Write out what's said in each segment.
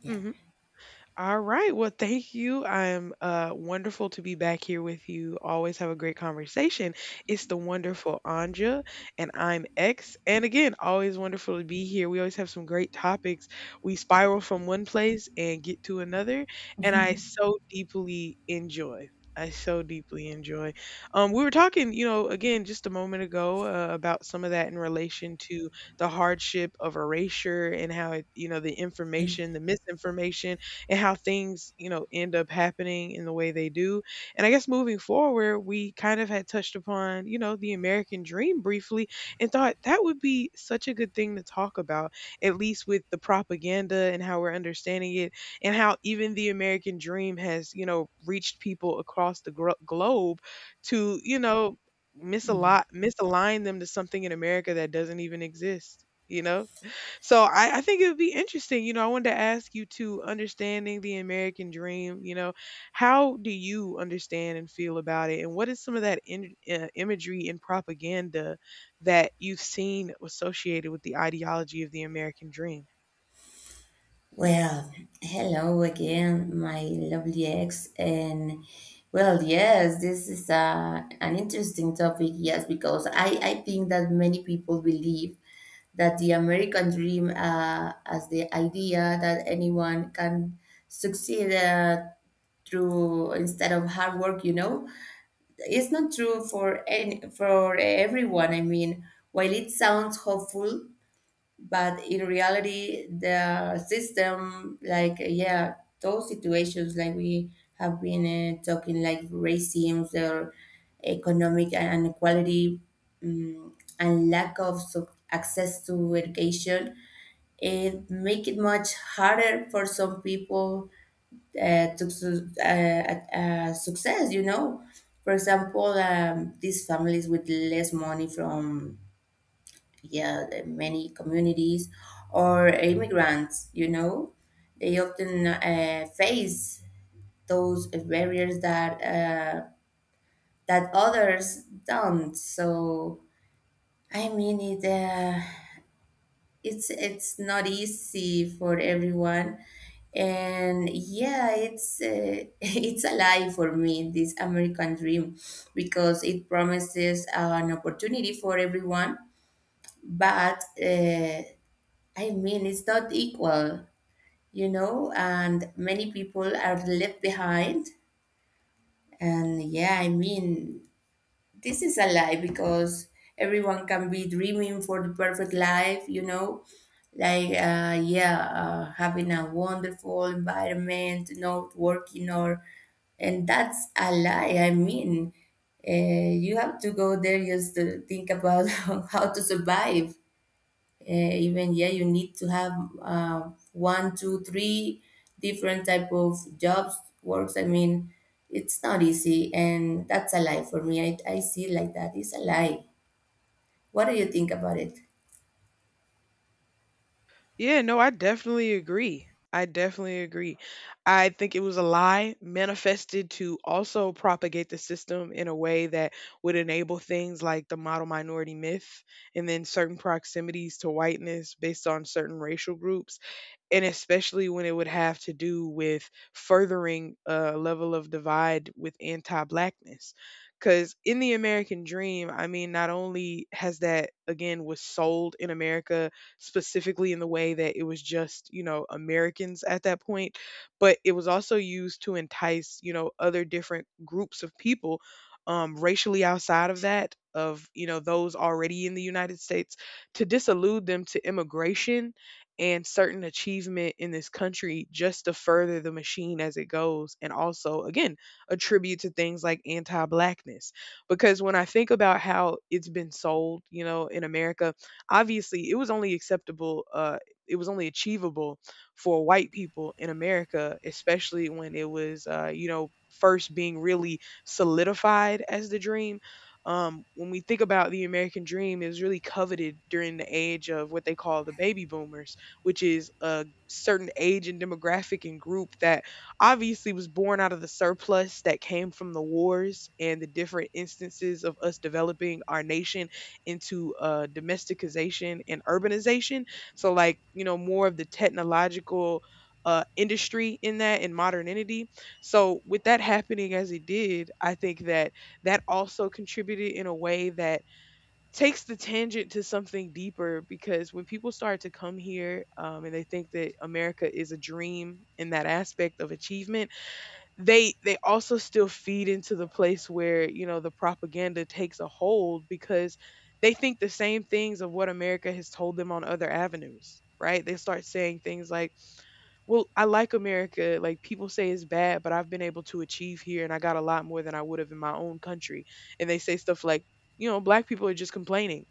Yeah. Hmm. All right. Well, thank you. I'm wonderful to be back here with you. Always have a great conversation. It's the wonderful Anja, and I'm X. And again, always wonderful to be here. We always have some great topics. We spiral from one place and get to another, and I so deeply enjoy. I so deeply enjoy. We were talking, again just a moment ago about some of that in relation to the hardship of erasure and how it, the information, the misinformation, and how things, end up happening in the way they do. And I guess moving forward, we kind of had touched upon, the American dream briefly and thought that would be such a good thing to talk about, at least with the propaganda and how we're understanding it, and how even the American dream has, reached people across the globe to, Mhm. misalign them to something in America that doesn't even exist, you know? So I think it would be interesting. I wanted to ask you to understanding the American dream. How do you understand and feel about it, and what is some of that in imagery and propaganda that you've seen associated with the ideology of the American dream? Well, hello again, my lovely ex. And well, yes, this is an interesting topic, yes, because I think that many people believe that the American dream as the idea that anyone can succeed through instead of hard work, it's not true for everyone. I mean, while it sounds hopeful, but in reality the system like yeah those situations like we have been talking like racism or economic inequality um, and lack of access to education it make it much harder for some people to success for example, these families with less money from yeah, the many communities or immigrants, they often face those barriers that others don't. So I mean, it's not easy for everyone, and yeah, it's it's a lie for me this American dream because it promises an opportunity for everyone, but. I mean, it's not equal, and many people are left behind. And yeah, I mean, this is a lie because everyone can be dreaming for the perfect life, like, yeah, having a wonderful environment, not working or, and that's a lie. I mean, uh, you have to go there just to think about how to survive even yeah you need to have one two three different type of jobs works. I mean, it's not easy, and that's a lie for me. I see it like that. It's a lie. What do you think about it? Yeah, no, I definitely agree. I definitely agree. I think it was a lie manifested to also propagate the system in a way that would enable things like the model minority myth and then certain proximities to whiteness based on certain racial groups, and especially when it would have to do with furthering a level of divide with anti-blackness. Because in the American dream, I mean, not only has that again was sold in America specifically in the way that it was just Americans at that point, but it was also used to entice other different groups of people, racially outside of that, of those already in the United States, to disillude them to immigration and certain achievement in this country just to further the machine as it goes. And also, again, attribute to things like anti blackness. Because when I think about how it's been sold, in America, obviously it was only acceptable, it was only achievable for white people in America, especially when it was, first being really solidified as the dream. When we think about the American dream, it was really coveted during the age of what they call the baby boomers, which is a certain age and demographic and group that obviously was born out of the surplus that came from the wars and the different instances of us developing our nation into domesticization and urbanization. So, like, more of the technological industry in that and modernity. So, with that happening as it did, I think that that also contributed in a way that takes the tangent to something deeper, because when people start to come here and they think that America is a dream in that aspect of achievement, they also still feed into the place where the propaganda takes a hold, because they think the same things of what America has told them on other avenues. Right? They start saying things like, "Well, I like America. Like, people say it's bad, but I've been able to achieve here, and I got a lot more than I would have in my own country." And they say stuff like, "You know, black people are just complaining,"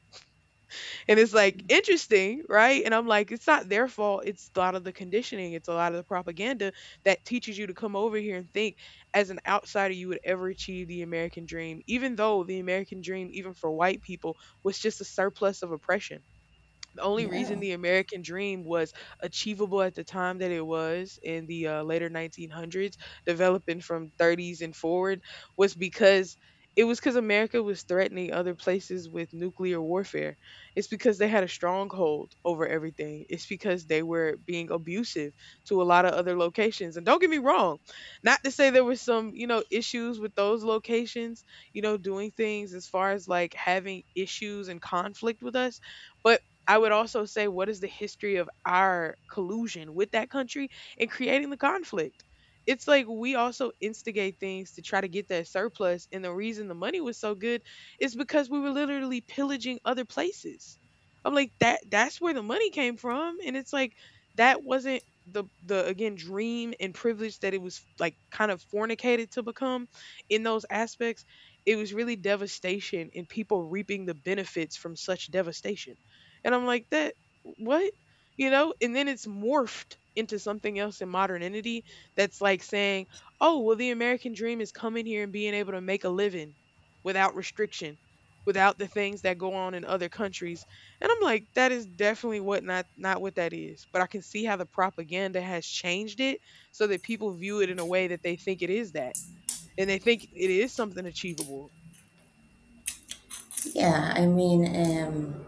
and it's like, interesting, right? And I'm like, it's not their fault. It's a lot of the conditioning. It's a lot of the propaganda that teaches you to come over here and think as an outsider you would ever achieve the American dream, even though the American dream, even for white people, was just a surplus of oppression. The only Yeah. reason the American dream was achievable at the time that it was in the later 1900s, developing from 30s and forward, was because America was threatening other places with nuclear warfare. It's because they had a stronghold over everything. It's because they were being abusive to a lot of other locations. And don't get me wrong, not to say there was some, issues with those locations, doing things as far as like having issues and conflict with us, but I would also say, what is the history of our collusion with that country in creating the conflict? It's like we also instigate things to try to get that surplus. And the reason the money was so good is because we were literally pillaging other places. I'm like, that's where the money came from. And it's like that wasn't the again dream and privilege that it was like kind of fornicated to become in those aspects. It was really devastation and people reaping the benefits from such devastation. And I'm like, that, what? You know? And then it's morphed into something else in modernity that's like saying, oh, well, the American dream is coming here and being able to make a living without restriction, without the things that go on in other countries. And I'm like, that is definitely what, not not what that is. But I can see how the propaganda has changed it so that people view it in a way that they think it is that. And they think it is something achievable. Yeah, I mean, um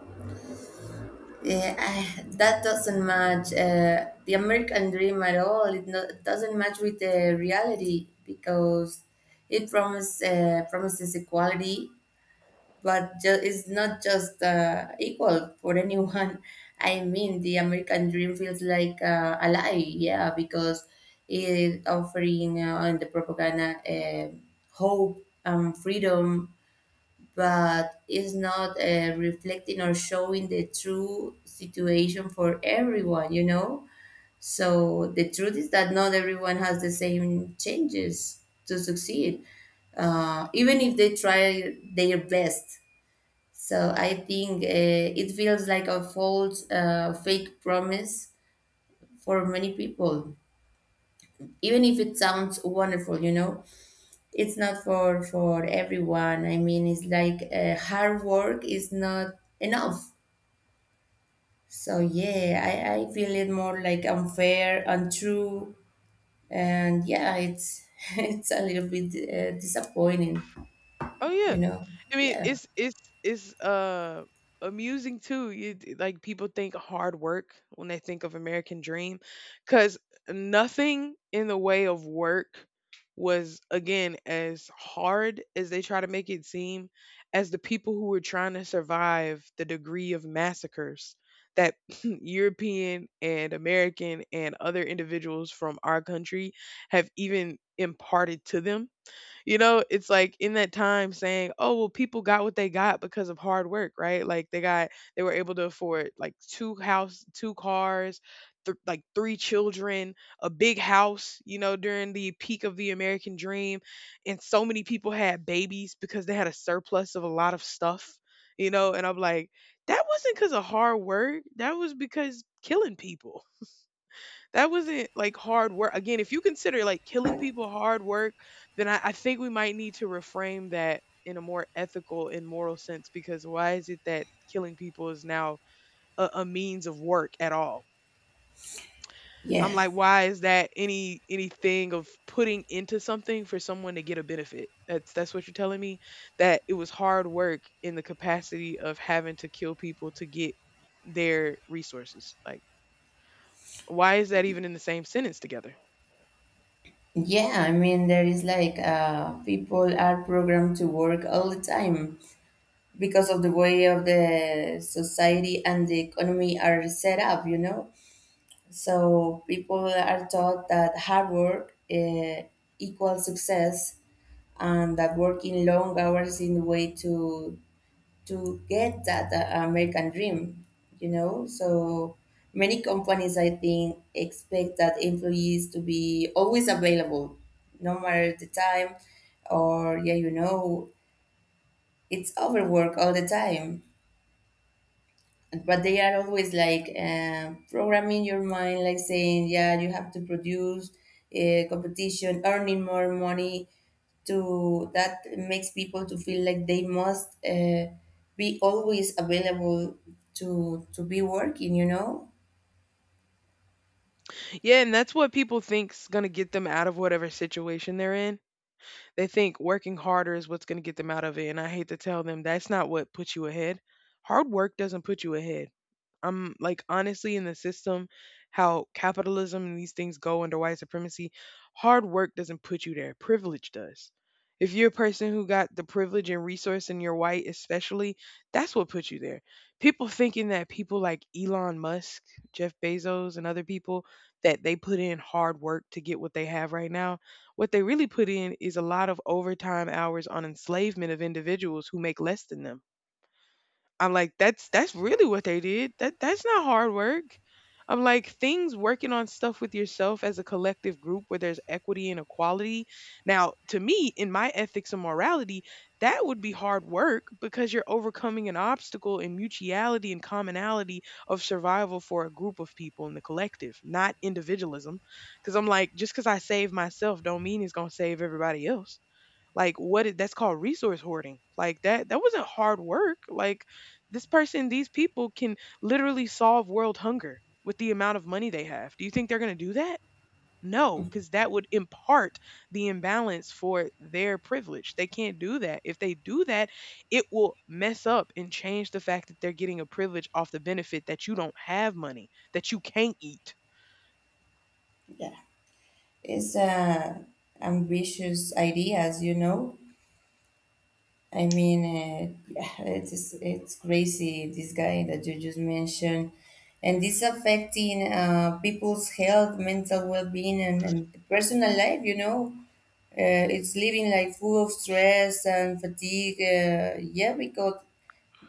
eh, I, that doesn't match the American dream at all. No, it doesn't match with the reality because it promises equality, but it's not just equal for anyone. I mean, the American dream feels like a lie, yeah, because it offering in the propaganda hope and freedom, but it's not reflecting or showing the true situation for everyone. So the truth is that not everyone has the same changes to succeed, even if they try their best. So I think it feels like a fake promise for many people. Even if it sounds wonderful, it's not for everyone. I mean, it's like hard work is not enough. So yeah, I feel it more like unfair, untrue, and yeah, it's it's a little bit disappointing, Oh you yeah. know. I mean, Yeah, it's amusing too. Like people think hard work when they think of American Dream, because nothing in the way of work was again as hard as they try to make it seem, as the people who were trying to survive the degree of massacres that European and American and other individuals from our country have even imparted to them. It's like in that time saying, "Oh, well, people got what they got because of hard work, right? Like, they got, they were able to afford like two house, two cars, like three children, a big house, during the peak of the American dream, and so many people had babies because they had a surplus of a lot of stuff, and I'm like, that wasn't because of hard work. That was because killing people. That wasn't like hard work. Again, if you consider like killing people hard work, then I think we might need to reframe that in a more ethical and moral sense, because why is it that killing people is now a means of work at all? yeah. I'm like, why is that anything of putting into something for someone to get a benefit? That's what you're telling me? That it was hard work in the capacity of having to kill people to get their resources. Like, why is that even in the same sentence together? Yeah, I mean, there is like people are programmed to work all the time because of the way of the society and the economy are set up, you know? So people are taught that hard work equals success, and that working long hours is the way to get that American dream, you know? So many companies, I think, expect that employees to be always available, no matter the time, or yeah, it's overwork all the time, but they are always like programming your mind like saying yeah you have to produce competition, earning more money, to that makes people to feel like they must be always available to be working. Yeah, and that's what people think's gonna get them out of whatever situation they're in. They think working harder is what's going to get them out of it. And I hate to tell them, that's not what puts you ahead. Hard work doesn't put you ahead. I'm like, honestly, in the system, how capitalism and these things go under white supremacy, hard work doesn't put you there. Privilege does. If you're a person who got the privilege and resource and you're white, especially, that's what put you there. People thinking that people like Elon Musk, Jeff Bezos, and other people that they put in hard work to get what they have right now, what they really put in is a lot of overtime hours on enslavement of individuals who make less than them. I'm like, that's really what they did. That's not hard work. I'm like, things working on stuff with yourself as a collective group where there's equity and equality. Now, to me, in my ethics and morality, that would be hard work because you're overcoming an obstacle in mutuality and commonality of survival for a group of people in the collective, not individualism. Because I'm like, just because I save myself don't mean it's gonna save everybody else. Like, what is, that's called resource hoarding. Like, that wasn't hard work. Like, this person, these people can literally solve world hunger with the amount of money they have. Do you think they're going to do that? No, because that would impart the imbalance for their privilege. They can't do that. If they do that, it will mess up and change the fact that they're getting a privilege off the benefit that you don't have money, that you can't eat. Yeah. It's ambitious ideas, I mean, yeah, it's crazy. This guy that you just mentioned, and this affecting people's health, mental well-being, and personal life. You know, it's living like full of stress and fatigue. Yeah, because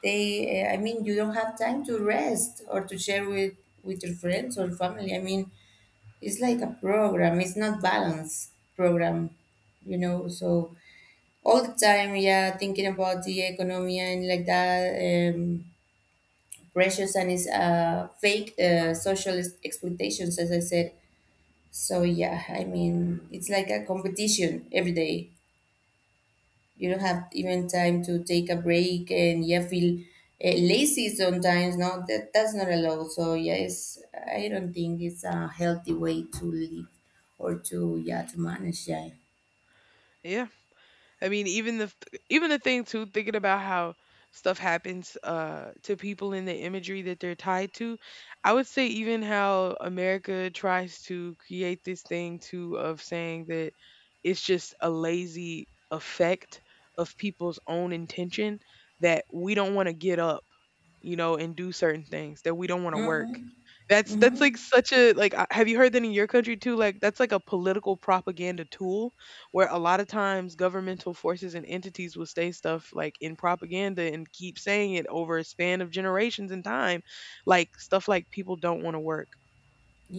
I mean, you don't have time to rest or to share with your friends or family. I mean, it's like a program. It's not balance program. So all the time, yeah, thinking about the economy and like that, pressures, and it's fake social expectations, as I said. So yeah, I mean, it's like a competition every day. You don't have even time to take a break, and yeah, feel lazy sometimes. No, that's not allowed. So yeah, I don't think it's a healthy way to live or to yeah to manage. Yeah. Yeah. I mean, even the thing too, thinking about how stuff happens to people in the imagery that they're tied to. I would say even how America tries to create this thing too of saying that it's just a lazy effect of people's own intention that we don't want to get up, you know, and do certain things, that we don't want to work. Mm-hmm. That's Mm-hmm. like such a like have you heard that in your country too? Like that's like a political propaganda tool where a lot of times governmental forces and entities will say stuff like in propaganda and keep saying it over a span of generations in time, like stuff like people don't want to work.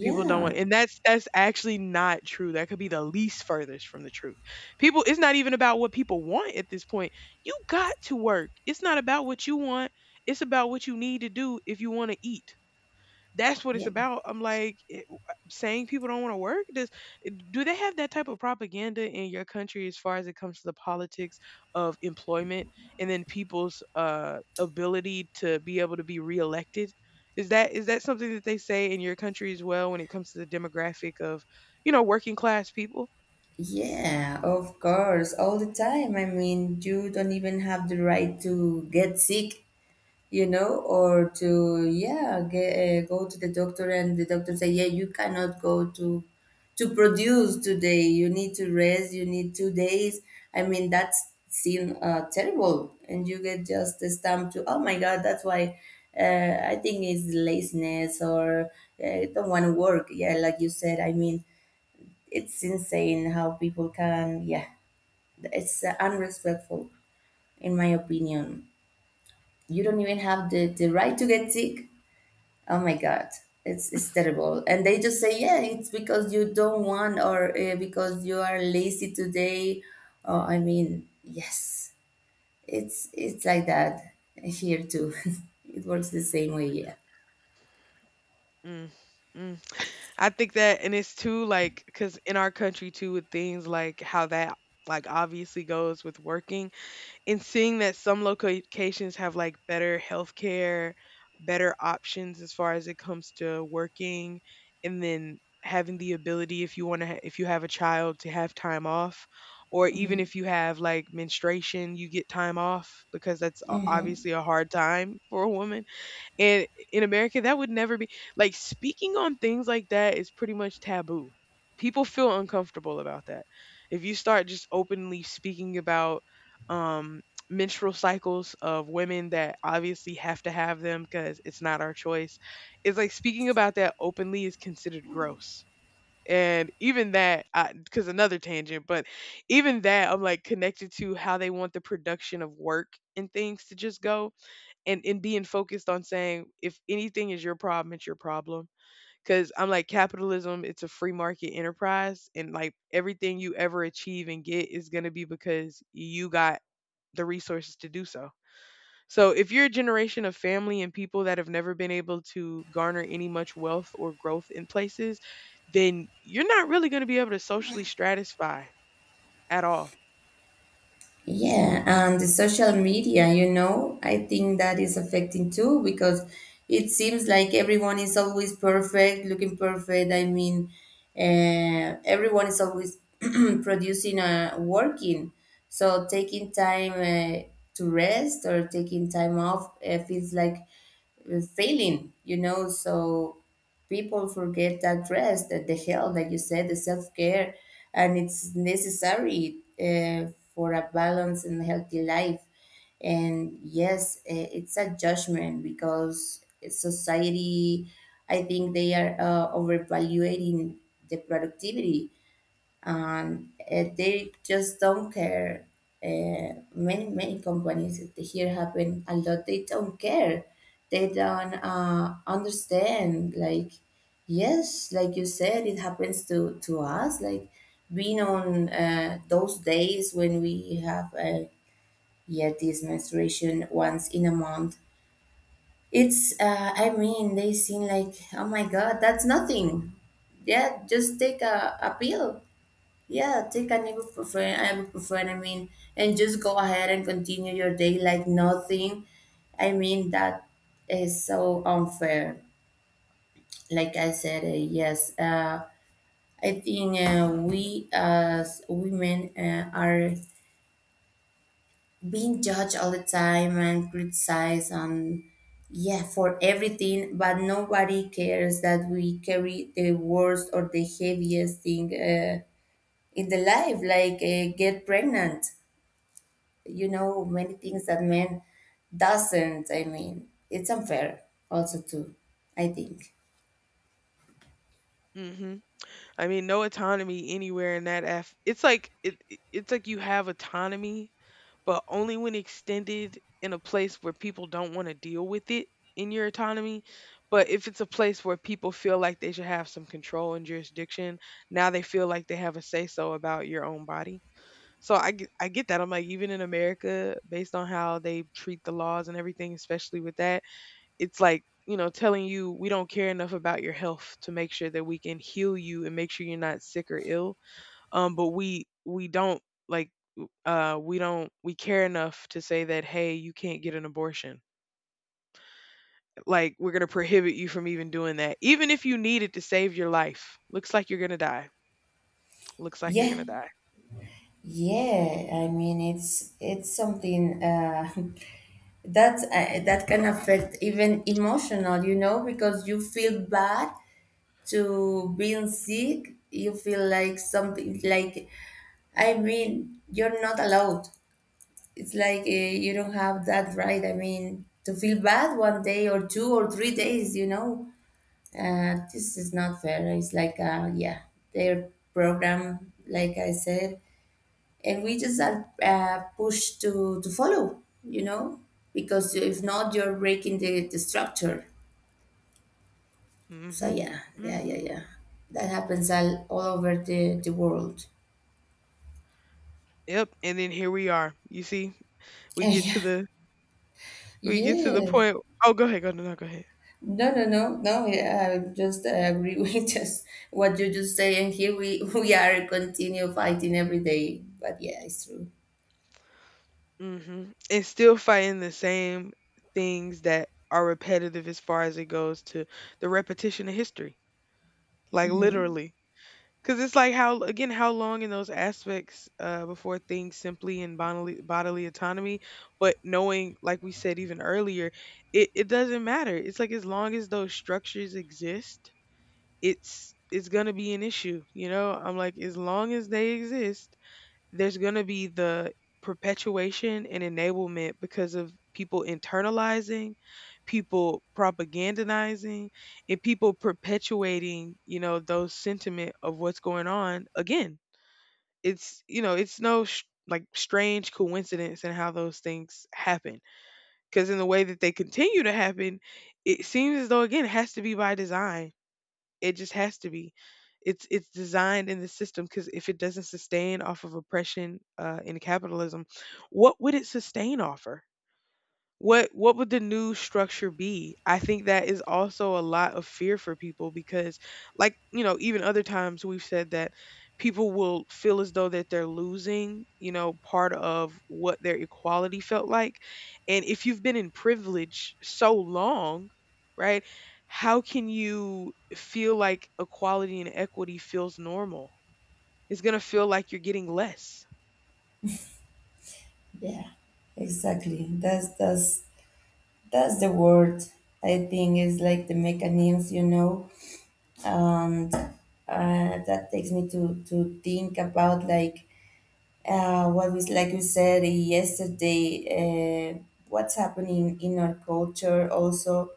People don't want, and that's actually not true. That could be the least furthest from the truth. People, it's not even about what people want at this point. You got to work. It's not about what you want. It's about what you need to do if you want to eat, that's what it's Yeah. about. I'm like it, saying people don't want to work. Does do they have that type of propaganda in your country as far as it comes to the politics of employment and then people's ability to be able to be reelected? Is that something that they say in your country as well when it comes to the demographic of, you know, working class people? Yeah, of course, all the time. I mean, you don't even have the right to get sick, or to yeah, go to the doctor and the doctor say, yeah, you cannot go to produce today. You need to rest. You need 2 days. I mean, that's seem terrible, and you get just a stamp to, oh my God, that's why. I think it's laziness or don't want to work. Yeah, like you said. I mean, it's insane how people can, yeah, it's unrespectful, in my opinion. You don't even have the right to get sick. Oh my God, it's terrible. And they just say, yeah, it's because you don't want or because you are lazy today. Oh, I mean, yes, it's like that here too. It works the same way, yeah. Mm. Mm. I think that, and it's too like because in our country too with things like how that like obviously goes with working and seeing that some locations have like better healthcare, better options as far as it comes to working, and then having the ability if you want to if you have a child to have time off, or even if you have like menstruation you get time off because that's obviously Hmm. a hard time for a woman, and in America, that would never be like. Speaking on things like that is pretty much taboo. People feel uncomfortable about that. If you start just openly speaking about um, menstrual cycles of women that obviously have to have them because it's not our choice, it's like speaking about that openly is considered gross. And even that, because another tangent, but even that, I'm like connected to how they want the production of work and things to just go, and being focused on saying if anything is your problem, it's your problem, because I'm like capitalism, it's a free market enterprise, and like everything you ever achieve and get is going to be because you got the resources to do so. So if you're a generation of family and people that have never been able to garner any much wealth or growth in places, then you're not really going to be able to socially stratify at all. Yeah, and the social media, I think that is affecting too because it seems like everyone is always perfect, looking perfect. I mean, everyone is always producing, working. So taking time to rest or taking time off feels like failing. So people forget that rest, that the health, like you said, the self care, and it's necessary for a balanced and healthy life. And yes, it's a judgment because society, I think they are overvaluating the productivity, and they just don't care. Many companies that here happen a lot. They don't care. They don't understand. Like yes, like you said, it happens to us. Like being on those days when we have yet this menstruation once in a month. It's I mean they seem like oh my God that's nothing. Yeah, just take a pill, yeah, take an ibuprofen, I mean, and just go ahead and continue your day like nothing. I mean, that is so unfair. Like I said, yes, I think we as women are being judged all the time and criticized and yeah, for everything, but nobody cares that we carry the worst or the heaviest thing in the life, like get pregnant. Many things that men doesn't, I mean, it's unfair also too, I think. Hmm. I mean, no autonomy anywhere in that af, it's like it's like you have autonomy, but only when extended in a place where people don't wanna deal with it in your autonomy. But if it's a place where people feel like they should have some control and jurisdiction, now they feel like they have a say so about your own body. So I get that. I'm like, even in America, based on how they treat the laws and everything, especially with that, it's like, you know, telling you we don't care enough about your health to make sure that we can heal you and make sure you're not sick or ill, um, but we don't, like, w- we don't we care enough to say that hey, you can't get an abortion, like we're going to prohibit you from even doing that, even if you need it to save your life. Looks like you're going to die. Looks like you're going Yeah, to die. yeah, I mean it's something that can affect even emotional, because you feel bad to being sick, you feel like something like I mean you're not allowed. It's like, you don't have that right, I mean, to feel bad one day or two or three days. This is not fair. It's like, yeah, their program, like I said, and we just are pushed to follow, because if not, you're breaking the structure. So, Mhm. yeah, yeah, yeah, Mhm. yeah. That happens all over the world. Yep. And then here we are, you see, we get Yeah, to the we get to the yes. point. Oh, go ahead, go, no, no, go ahead. No, no, no, no. Yeah, I just agree with just what you just say, and here we we are continue fighting every day. But yeah, it's true. Mhm. And still fighting the same things that are repetitive as far as it goes to the repetition of history. Like, literally. Cause it's like how again, how long in those aspects before things simply in bodily autonomy, but knowing like we said even earlier, it doesn't matter. It's like as long as those structures exist, it's gonna be an issue. You know, I'm like, as long as they exist, there's going to be the perpetuation and enablement because of people internalizing, people propagandizing, and people perpetuating, you know, those sentiment of what's going on. Again, it's, you know, it's no like strange coincidence in how those things happen, because in the way that they continue to happen, it seems as though again it has to be by design. It just has to be. It's designed in the system, because if it doesn't sustain off of oppression in capitalism, what would it sustain off of? What would the new structure be? I think that is also a lot of fear for people because, like, you know, even other times we've said that people will feel as though that they're losing, you know, part of what their equality felt like. And if you've been in privilege so long, right? How can you feel like equality and equity feels normal? It's going to feel like you're getting less. Yeah, exactly. That's the word. I think is like the mechanisms, and that takes me to think about like what was like you said yesterday. What's happening in our culture, also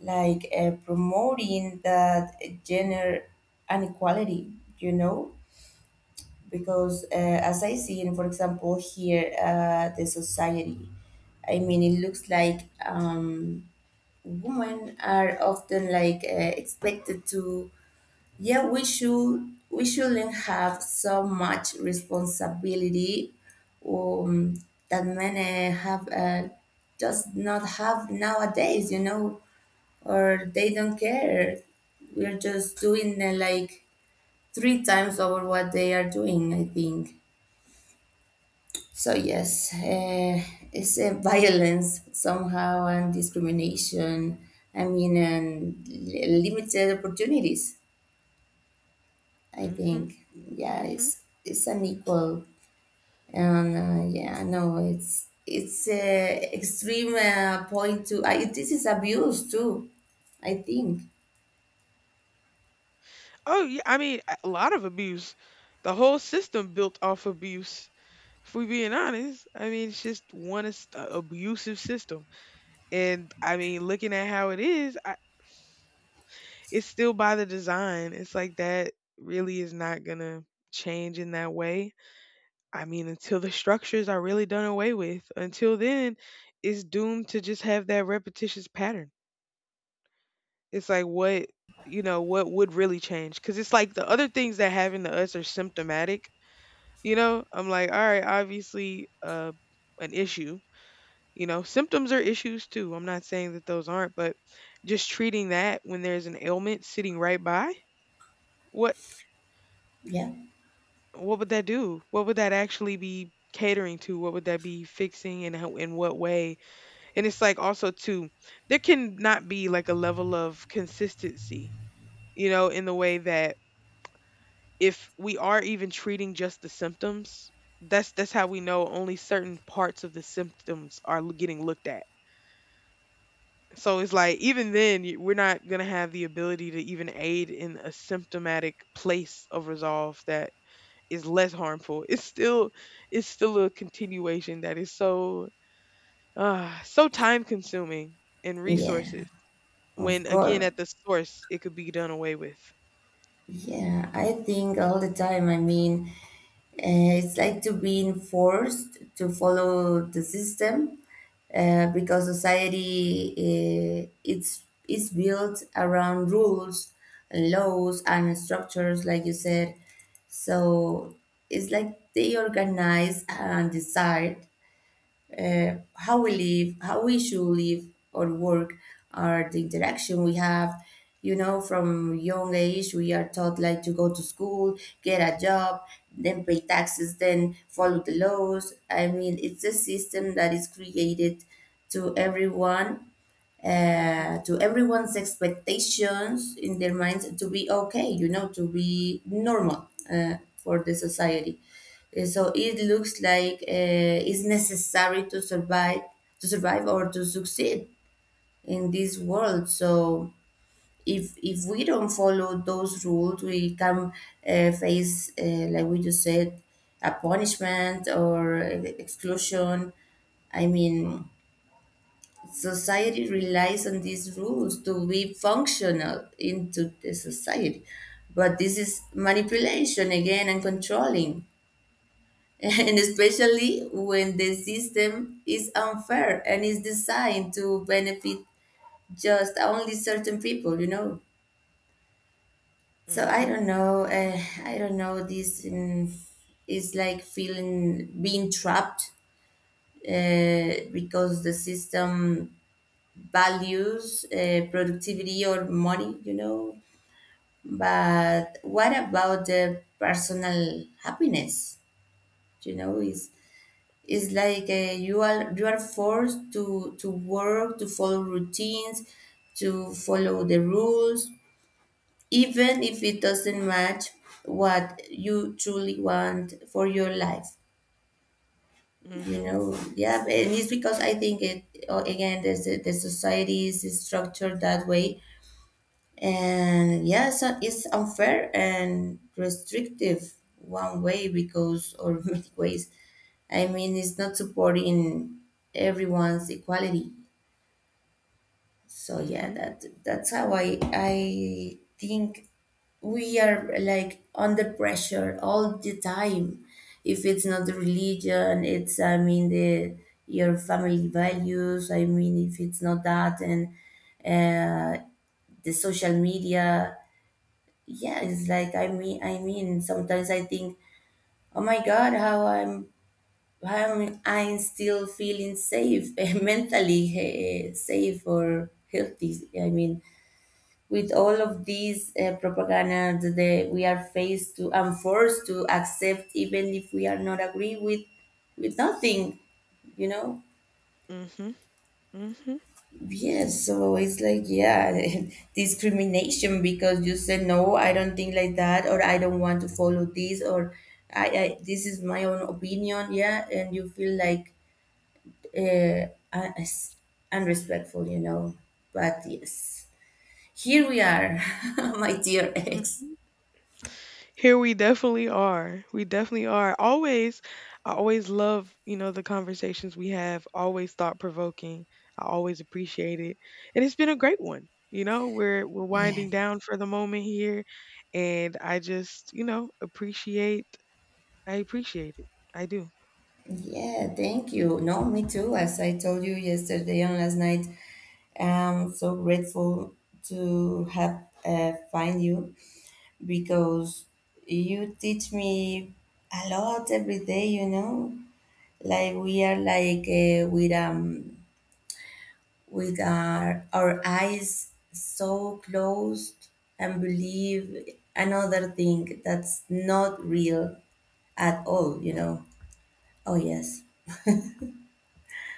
like promoting that gender inequality, you know, because as I see, in for example, here the society, I mean, it looks like, women are often like expected to, yeah, we shouldn't have so much responsibility um, that men have, just not have nowadays, or they don't care. We're just doing like three times over what they are doing, I think. So yes, it's a violence somehow and discrimination. I mean, and limited opportunities. I Mhm. think yeah, Mhm. it's unequal, and yeah, no, it's a extreme point to. This is abuse too. I think Oh yeah, I mean, a lot of abuse. The whole system built off abuse. If we're being honest, I mean it's just one abusive system, and I mean, looking at how it is, I, it's still by the design. It's like that really is not gonna change in that way. I mean, until the structures are really done away with, until then, it's doomed to just have that repetitious pattern. It's like what, you know, what would really change, because it's like the other things that happen to us are symptomatic. You know, I'm like, all right, obviously an issue. You know, symptoms are issues too. I'm not saying that those aren't, but just treating that when there's an ailment sitting right by, what yeah, what would that do? What would that actually be catering to? What would that be fixing, and how, in what way? And it's like also too, there can not be like a level of consistency, you know, in the way that if we are even treating just the symptoms, that's how we know only certain parts of the symptoms are getting looked at. So it's like even then we're not going to have the ability to even aid in a symptomatic place of resolve that is less harmful. It's still a continuation that is so so time consuming and yeah, resources, of when again course. at the source it could be done away with. Yeah, I think all the time. I mean, uh, it's like to being forced to follow the system because society it's is built around rules and laws and structures, like you said. So it's like they organize and decide how we live, how we should live or work, or the interaction we have. You know, from young age, we are taught like to go to school, get a job, then pay taxes, then follow the laws. I mean, it's a system that is created to everyone Mhm. To everyone's expectations in their minds to be okay, to be normal for the society. So it looks like it's necessary to survive, or to succeed in this world. So if we don't follow those rules, we can face, like we just said, a punishment or exclusion. I mean, society relies on these rules to be functional into the society. But this is manipulation again and controlling, and especially when the system is unfair and is designed to benefit just only certain people. So I Mhm. don't know. I don't know. This, is like feeling being trapped because the system values, productivity, or money. But what about the personal happiness? You know, is like you are forced to work to follow routines, to follow the rules, even if it doesn't match what you truly want for your life. You Mhm. know, yeah, and it's because I think it again, there's the society is structured that way. And yes, it's unfair and restrictive one way or many ways. I mean, it's not supporting everyone's equality. So yeah, Mhm. that's how I think we are like under pressure all the time. If it's not the religion, it's I mean the your family values. I mean, if it's not that, and uh, the social media yeah it's like I mean, sometimes I think oh my God how am I still feeling safe mentally, safe or healthy, I mean, with all of these propaganda that we are faced to and forced to accept, even if we are not agree with nothing you know Mhm. Mhm. Yes, so it's like, yeah, discrimination because you said, no, I don't think like that, or I don't want to follow this, or I this is my own opinion, yeah, and you feel like uh, un- as- unrespectful. But yes, here we are, my dear ex. Mhm. Here we definitely are. We definitely are. Always, I always love, you know, the conversations we have, always thought provoking. I always appreciate it. And it's been a great one. You know, we're Yeah, winding down for the moment here, and I just, you know, appreciate I appreciate it. I do. yeah, thank you. No, me too. As I told you yesterday and last night, I'm so grateful to have find you because you teach me a lot every day, like we are like with our eyes so closed, and believe another thing that's not real at all. Oh yes.